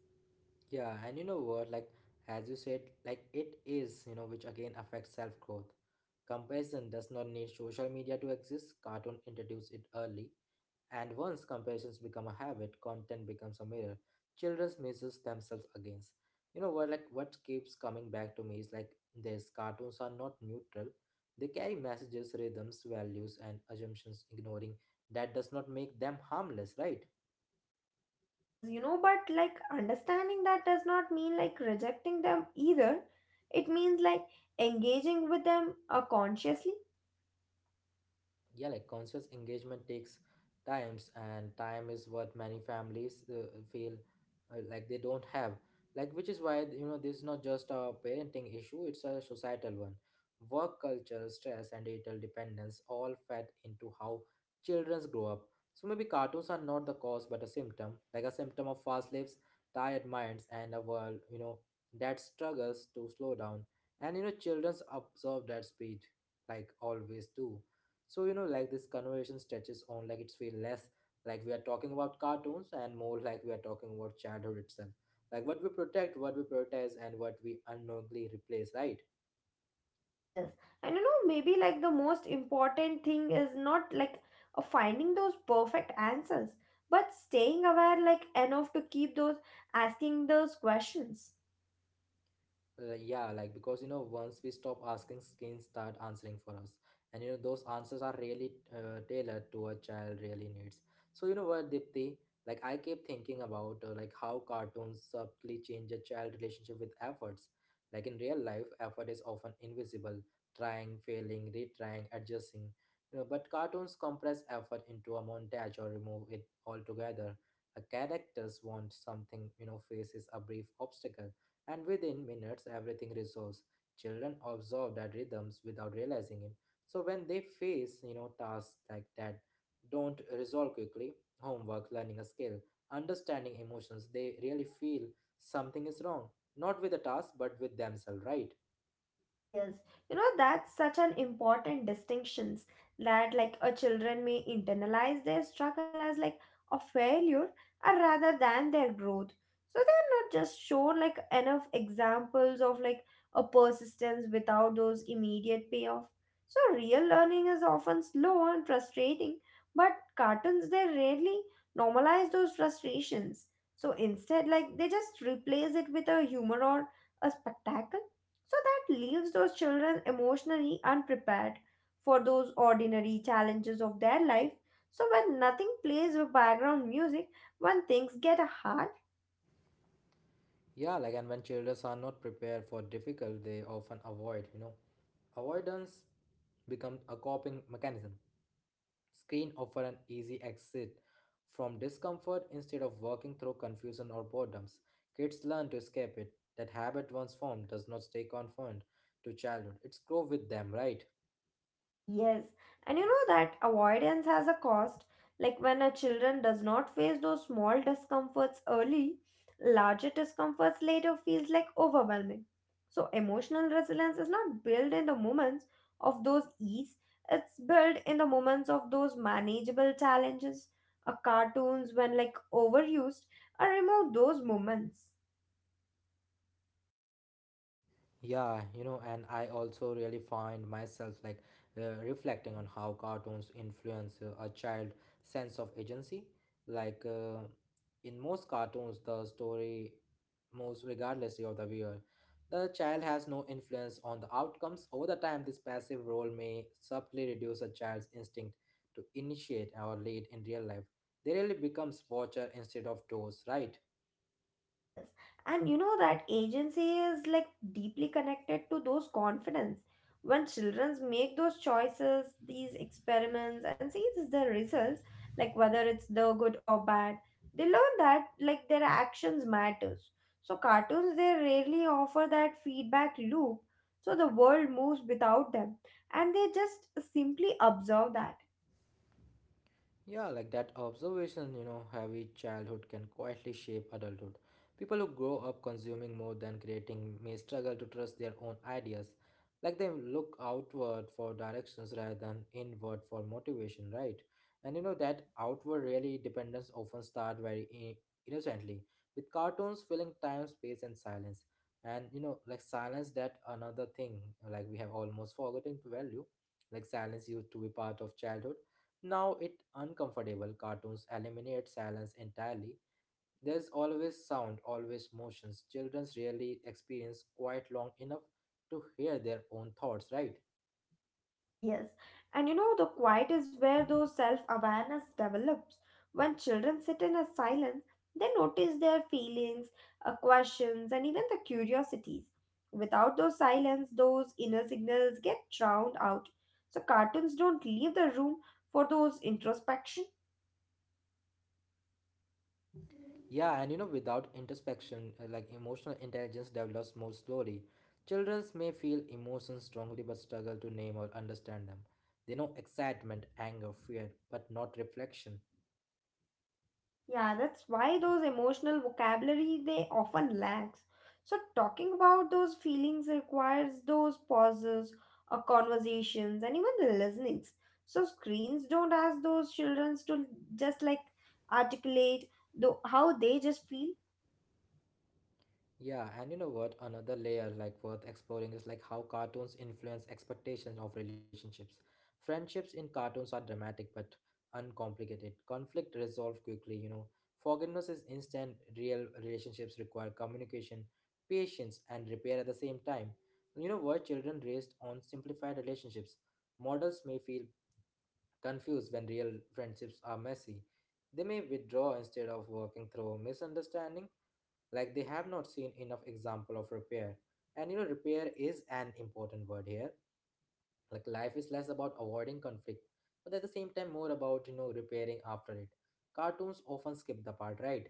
Yeah, and you know what, like as you said, like it is, you know, which again affects self growth. Comparison does not need social media to exist. Cartoon introduced it early. And once comparisons become a habit, content becomes a mirror. Children measures themselves against. You know what? Like what keeps coming back to me is like these cartoons are not neutral. They carry messages, rhythms, values, and assumptions. Ignoring that does not make them harmless, right? Yes, you know, but like understanding that does not mean like rejecting them either. It means like engaging with them consciously. Yeah, like conscious engagement takes times, and time is what many families feel like they don't have, like which is why you know this is not just a parenting issue, it's a societal one. Work culture, stress, and digital dependence all fed into how childrens grow up. So maybe cartoons are not the cause but a symptom, like a symptom of fast lives, tired minds, and a world, you know, that struggles to slow down. And you know, childrens absorb that speed, like always do. So, you know, like this conversation stretches on like it's feel less like we are talking about cartoons and more like we are talking about childhood itself. Like what we protect, what we prioritize, and what we unknowingly replace, right? Yes, and you know, maybe like the most important thing is not like finding those perfect answers, but staying aware like enough to keep those asking those questions. Yeah, like because you know, once we stop asking, screens start answering for us, and you know, those answers are really tailored to a child really needs. So you know what, Dipti? Like I keep thinking about like how cartoons subtly change a child relationship with efforts. Like in real life, effort is often invisible, trying, failing, retrying, adjusting. You know, but cartoons compress effort into a montage or remove it altogether. A characters want something, you know, faces a brief obstacle and within minutes everything resolves. Children absorb that rhythms without realizing it. So when they face, you know, tasks like that don't resolve quickly, homework, learning a skill, understanding emotions, they really feel something is wrong. Not with the task, but with themselves, right? Yes, you know that's such an important distinctions, that like a children may internalize their struggle as like a failure or rather than their growth. So they're not just shown like enough examples of like a persistence without those immediate payoff. So real learning is often slow and frustrating, but cartoons they rarely normalize those frustrations. So instead like they just replace it with a humor or a spectacle, so that leaves those children emotionally unprepared for those ordinary challenges of their life. So when nothing plays with background music, when things get hard, Yeah, like and when children are not prepared for difficult, they often avoid, you know. Avoidance becomes a coping mechanism. Screen offer an easy exit from discomfort instead of working through confusion or boredoms. Kids learn to escape it. That habit once formed does not stay confined to childhood. It's grow with them, right? Yes, and you know that avoidance has a cost. Like when a children does not face those small discomforts early, larger discomforts later feels like overwhelming. So emotional resilience is not built in the moments of those ease, it's built in the moments of those manageable challenges. A cartoons when like overused are remove those moments. Yeah, you know, and I also really find myself like reflecting on how cartoons influence a child sense of agency. Like in most cartoons, the story moves regardlessly of the viewer. The child has no influence on the outcomes. Over the time, this passive role may subtly reduce a child's instinct to initiate or lead in real life. They really becomes watcher instead of doers, right? Yes. And you know that agency is like deeply connected to those confidence. When children make those choices, these experiments, and see this their results, like whether it's the good or bad, they learn that like their actions matters. So cartoons they rarely offer that feedback loop. So the world moves without them. And they just simply observe that. Yeah, like that observation, you know, heavy childhood can quietly shape adulthood. People who grow up consuming more than creating may struggle to trust their own ideas. Like they look outward for directions rather than inward for motivation, right? And you know that outward really dependence often start very innocently, with cartoons filling time, space, and silence. And you know, like silence, that another thing like we have almost forgotten to value. Like silence used to be part of childhood, now it uncomfortable. Cartoons eliminate silence entirely. There's always sound, always motions. Childrens rarely experience quite long enough to hear their own thoughts, right? Yes, and you know, the quiet is where those self awareness develops. When children sit in a silence, they notice their feelings, questions, and even the curiosities. Without those silence, those inner signals get drowned out. So, cartoons don't leave the room for those introspection. Yeah, and you know, without introspection, like emotional intelligence develops more slowly. Childrens may feel emotions strongly but struggle to name or understand them. They know excitement, anger, fear, but not reflection. Yeah, that's why those emotional vocabulary they often lacks. So talking about those feelings requires those pauses or conversations and even the listenings. So screens don't ask those children to just like articulate though how they just feel. Yeah, and you know what? Another layer like worth exploring is like how cartoons influence expectations of relationships. Friendships in cartoons are dramatic but uncomplicated. Conflict resolved quickly. Forgiveness is instant. Real relationships require communication, patience, and repair at the same time. You know what? Children raised on simplified relationships. Models may feel confused when real friendships are messy. They may withdraw instead of working through misunderstanding like they have not seen enough example of repair, and repair is an important word here. Like life is less about avoiding conflict but at the same time more about repairing after it. Cartoons often skip the part, right?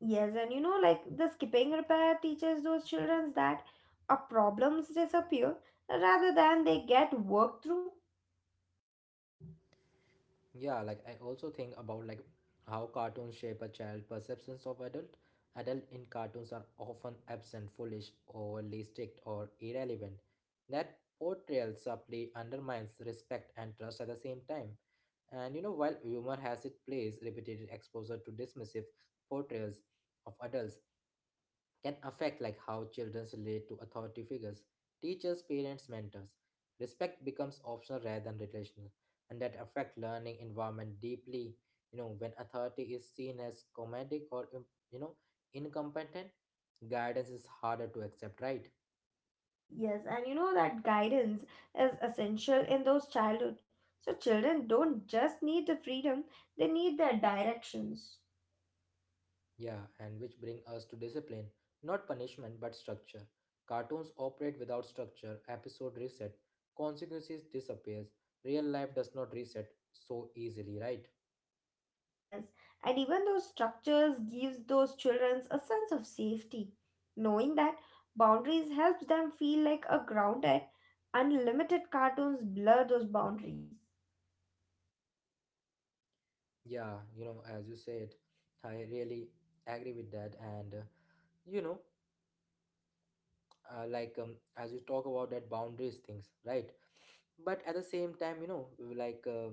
Yes, and you know like the skipping repair teaches those children that a problems disappear rather than they get worked through. Yeah, like I also think about like how cartoons shape a child perceptions of adult. Adult in cartoons are often absent, foolish, overly strict, or irrelevant. That portrayal subtly undermines respect and trust at the same time. And you know, while humor has its place, repeated exposure to dismissive portrayals of adults can affect like how children relate to authority figures: teachers, parents, mentors. Respect becomes optional rather than relational, and that affect learning environment deeply. You know, when authority is seen as comedic or incompetent, guidance is harder to accept, right? Yes, and you know that guidance is essential in those childhood. So children don't just need the freedom, they need their directions. Yeah, and which bring us to discipline, not punishment but structure. Cartoons operate without structure, episode reset, consequences disappears. Real life does not reset so easily, right? Yes, and even those structures gives those children a sense of safety. Knowing that boundaries helps them feel like a grounded, unlimited cartoons blur those boundaries. Yeah, as you said, I really agree with that. And, you know, like as you talk about that boundaries things, right? But at the same time, like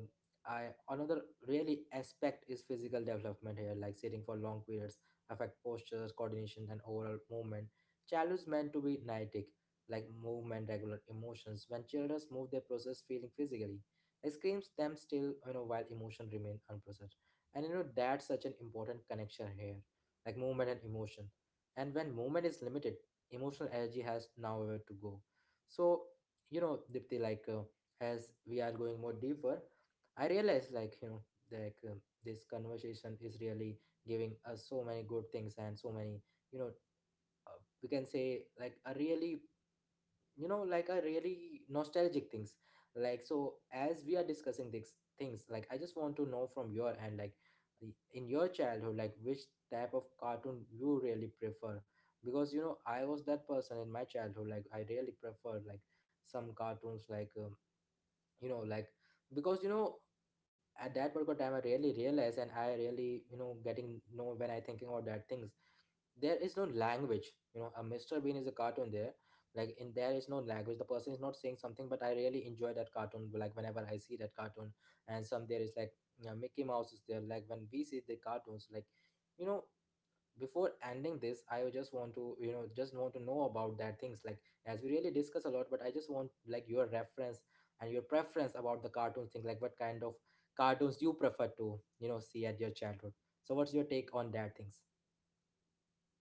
I another really aspect is physical development here. Like sitting for long periods affect postures, coordination, and overall movement. Child is meant to be kinetic. Like movement regular emotions. When children move they process feeling physically, like screams them still, while emotion remain unprocessed. And that's such an important connection here, like movement and emotion. And when movement is limited, emotional energy has nowhere to go. So dipti, like as we are going more deeper, I realize, like like this conversation is really giving us so many good things and so many, you know uh, we can say like a really, like a really nostalgic things. Like so as we are discussing these things, like I just want to know from your end, like in your childhood, like which type of cartoon you really prefer, because I was that person in my childhood, like I really preferred like some cartoons like like because at that particular time I really realized, and I really getting know when I thinking about that things. There is no language, a Mr. Bean is a cartoon there. Like in there is no language, the person is not saying something, but I really enjoy that cartoon like whenever I see that cartoon. And some there is like, Mickey Mouse is there. Like when we see the cartoons, like you know before ending this I would just want to just want to know about that things, like as we really discuss a lot, but I just want like your reference and your preference about the cartoon thing, like what kind of cartoons you prefer to see at your childhood. So what's your take on that things?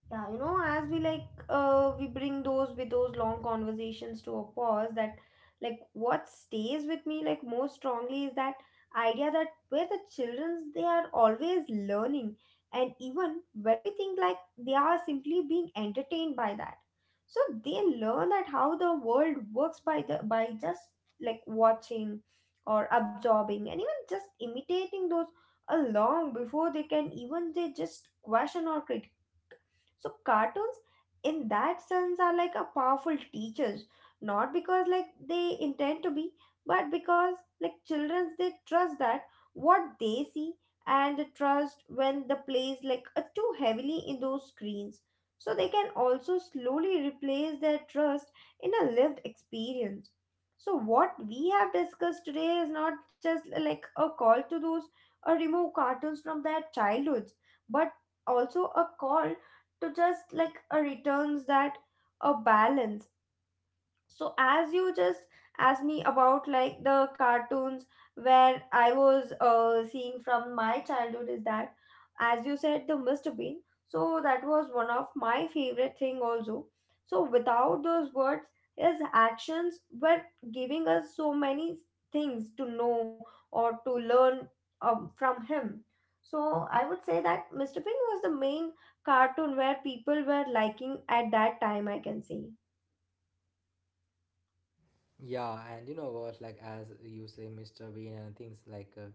Yeah, you know, as we like, we bring those with those long conversations to a pause. That, like, what stays with me like most strongly is that idea that where the childrens they are always learning, and even when we think like they are simply being entertained by that, so they learn that how the world works by the by just like watching or absorbing and even just imitating those long before they can even they just question or criticize. So cartoons in that sense are like a powerful teachers, not because like they intend to be, but because like children they trust that what they see, and they trust when the plays like too heavily in those screens. So they can also slowly replace their trust in a lived experience. So what we have discussed today is not just like a call to those or remove cartoons from their childhoods, but also a call to just like a returns that a balance. So as you just asked me about like the cartoons where I was seeing from my childhood is that as you said, the Mr. Bean. So that was one of my favorite thing also. So without those words, his actions were giving us so many things to know or to learn from him. So I would say that Mr. Bean was the main cartoon where people were liking at that time, I can say. Yeah, and you know what, like as you say, Mr. Bean and things like,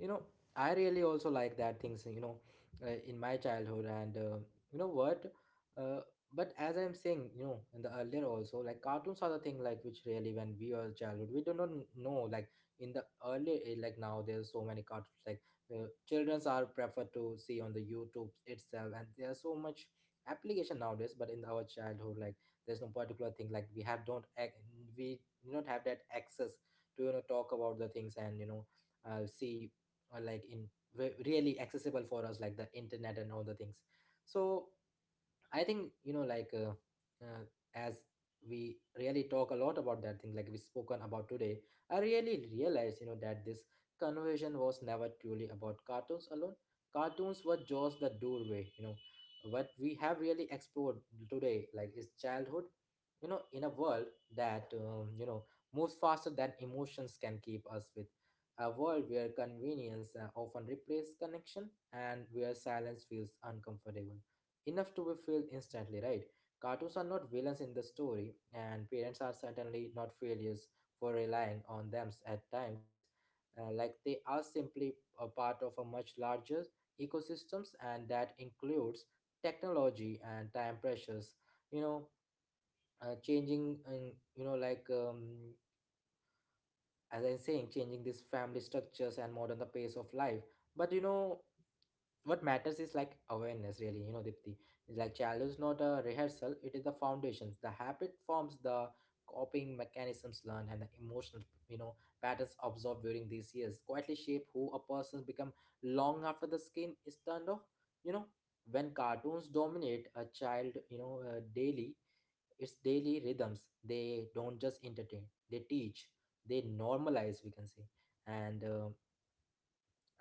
you know, I really also like that things, in my childhood. And you know what, uh, but as I'm saying, in the earlier also, like cartoons are the thing like which really when we were childhood, we do not know like in the earlier age, like now there's so many cartoons like childrens are preferred to see on the YouTube itself, and there's so much application nowadays. But in our childhood, like there's no particular thing like we have don't we do not have that access to talk about the things and see like in really accessible for us like the internet and all the things. So I think like uh, as we really talk a lot about that thing, like we spoken about today, I really realized that this conversation was never truly about cartoons alone. Cartoons were just the doorway. You know, what we have really explored today, like is childhood. You know, in a world that moves faster than emotions can keep us with. A world where convenience often replaces connection and where silence feels uncomfortable enough to be filled instantly, right? Cartoons are not villains in the story, and parents are certainly not failures for relying on them at times. Like they are simply a part of a much larger ecosystems, and that includes technology and time pressures. You know, Changing, in, like as I'm saying, changing these family structures and modern the pace of life. But what matters is like awareness, really. You know, Dipti, it's like childhood is not a rehearsal; it is the foundations, the habit forms, the coping mechanisms learned, and the emotional, you know, patterns absorbed during these years quietly shape who a person become long after the skin is turned off. You know, when cartoons dominate a child, daily it's daily rhythms. They don't just entertain, they teach, they normalize, we can say. And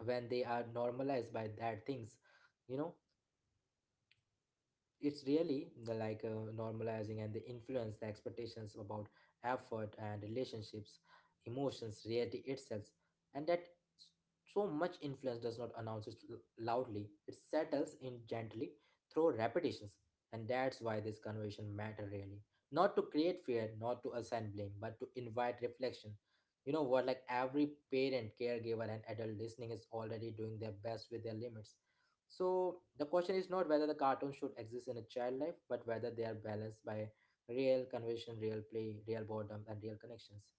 when they are normalized by that things, you know, it's really the, like normalizing and the influence the expectations about effort and relationships, emotions, reality itself. And that s- so much influence does not announce it loudly, it settles in gently through repetitions. And that's why this conversation matter really, not to create fear, not to assign blame, but to invite reflection. You know what Like every parent, caregiver, and adult listening is already doing their best with their limits. So the question is not whether the cartoons should exist in a child life, but whether they are balanced by real conversation, real play, real boredom, and real connections.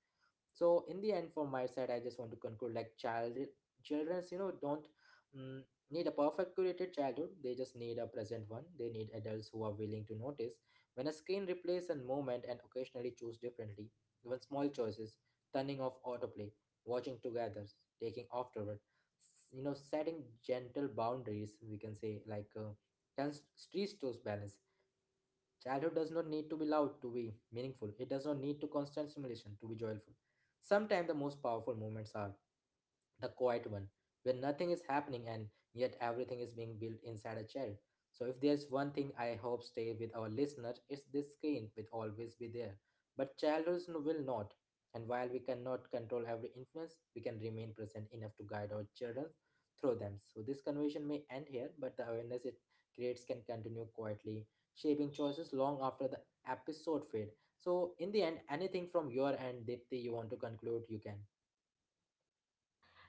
So in the end, from my side, I just want to conclude like child children's don't mm, need a perfect curated childhood. They just need a present one. They need adults who are willing to notice when a screen replaces a moment and occasionally choose differently. Even small choices: turning off autoplay, watching together, taking afterward, setting gentle boundaries, we can say, like can reach those balances. Childhood does not need to be loud to be meaningful. It does not need to constant stimulation to be joyful. Sometimes the most powerful moments are the quiet one, where nothing is happening and yet everything is being built inside a child. So, if there's one thing I hope stay with our listeners, it's this: screen will always be there. But childhood will not. And while we cannot control every influence, we can remain present enough to guide our children through them. So, this conversation may end here, but the awareness it creates can continue quietly shaping choices long after the episode fade. So in the end, anything from your end, Dipti, you want to conclude, you can.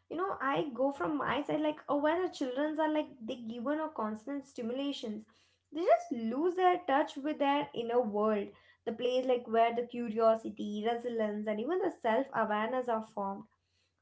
You know, I go from my side like, oh, when the childrens are like they given a constant stimulations, they just lose their touch with their inner world, the place like where the curiosity, resilience and even the self-awareness are formed.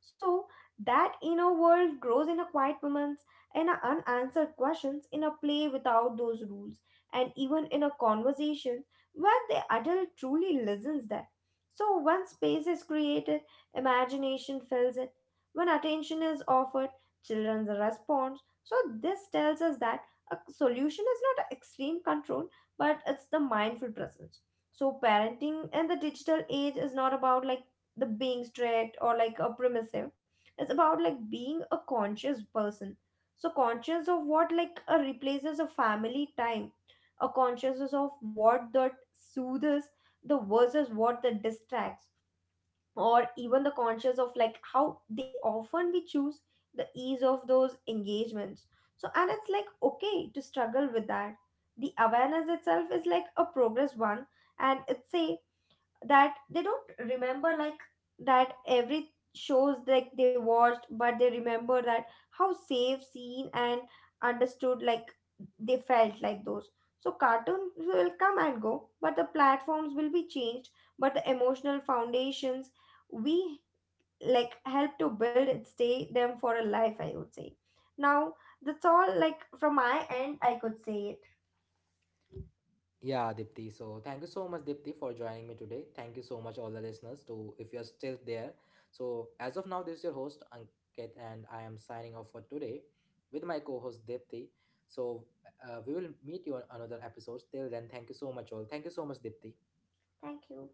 So that inner world grows in a quiet moments and a unanswered questions in a play without those rules and even in a conversation where the adult truly listens there. So once space is created, imagination fills it. When attention is offered, children respond. So, this tells us that a solution is not extreme control, but it's the mindful presence. So, parenting in the digital age is not about like the being strict or like a permissive. It's about like being a conscious person. So, conscious of what like a replaces a family time, a consciousness of what that soothes the versus what that distracts, or even the conscious of like how they often we choose the ease of those engagements. So and it's like okay to struggle with that. The awareness itself is like a progress one. And it's say that they don't remember like that every shows like they watched, but they remember that how safe seen and understood like they felt like those. So cartoons will come and go, but the platforms will be changed, but the emotional foundations we like help to build and stay them for a life, I would say. Now that's all like from my end I could say it. Yeah, Dipti. So thank you so much, Dipti, for joining me today. Thank you so much, all the listeners, to if you're still there. So as of now, this is your host Ankit, and I am signing off for today with my co-host Dipti. So we will meet you on another episode. Till then, thank you so much, all. Thank you so much, Dipti. Thank you.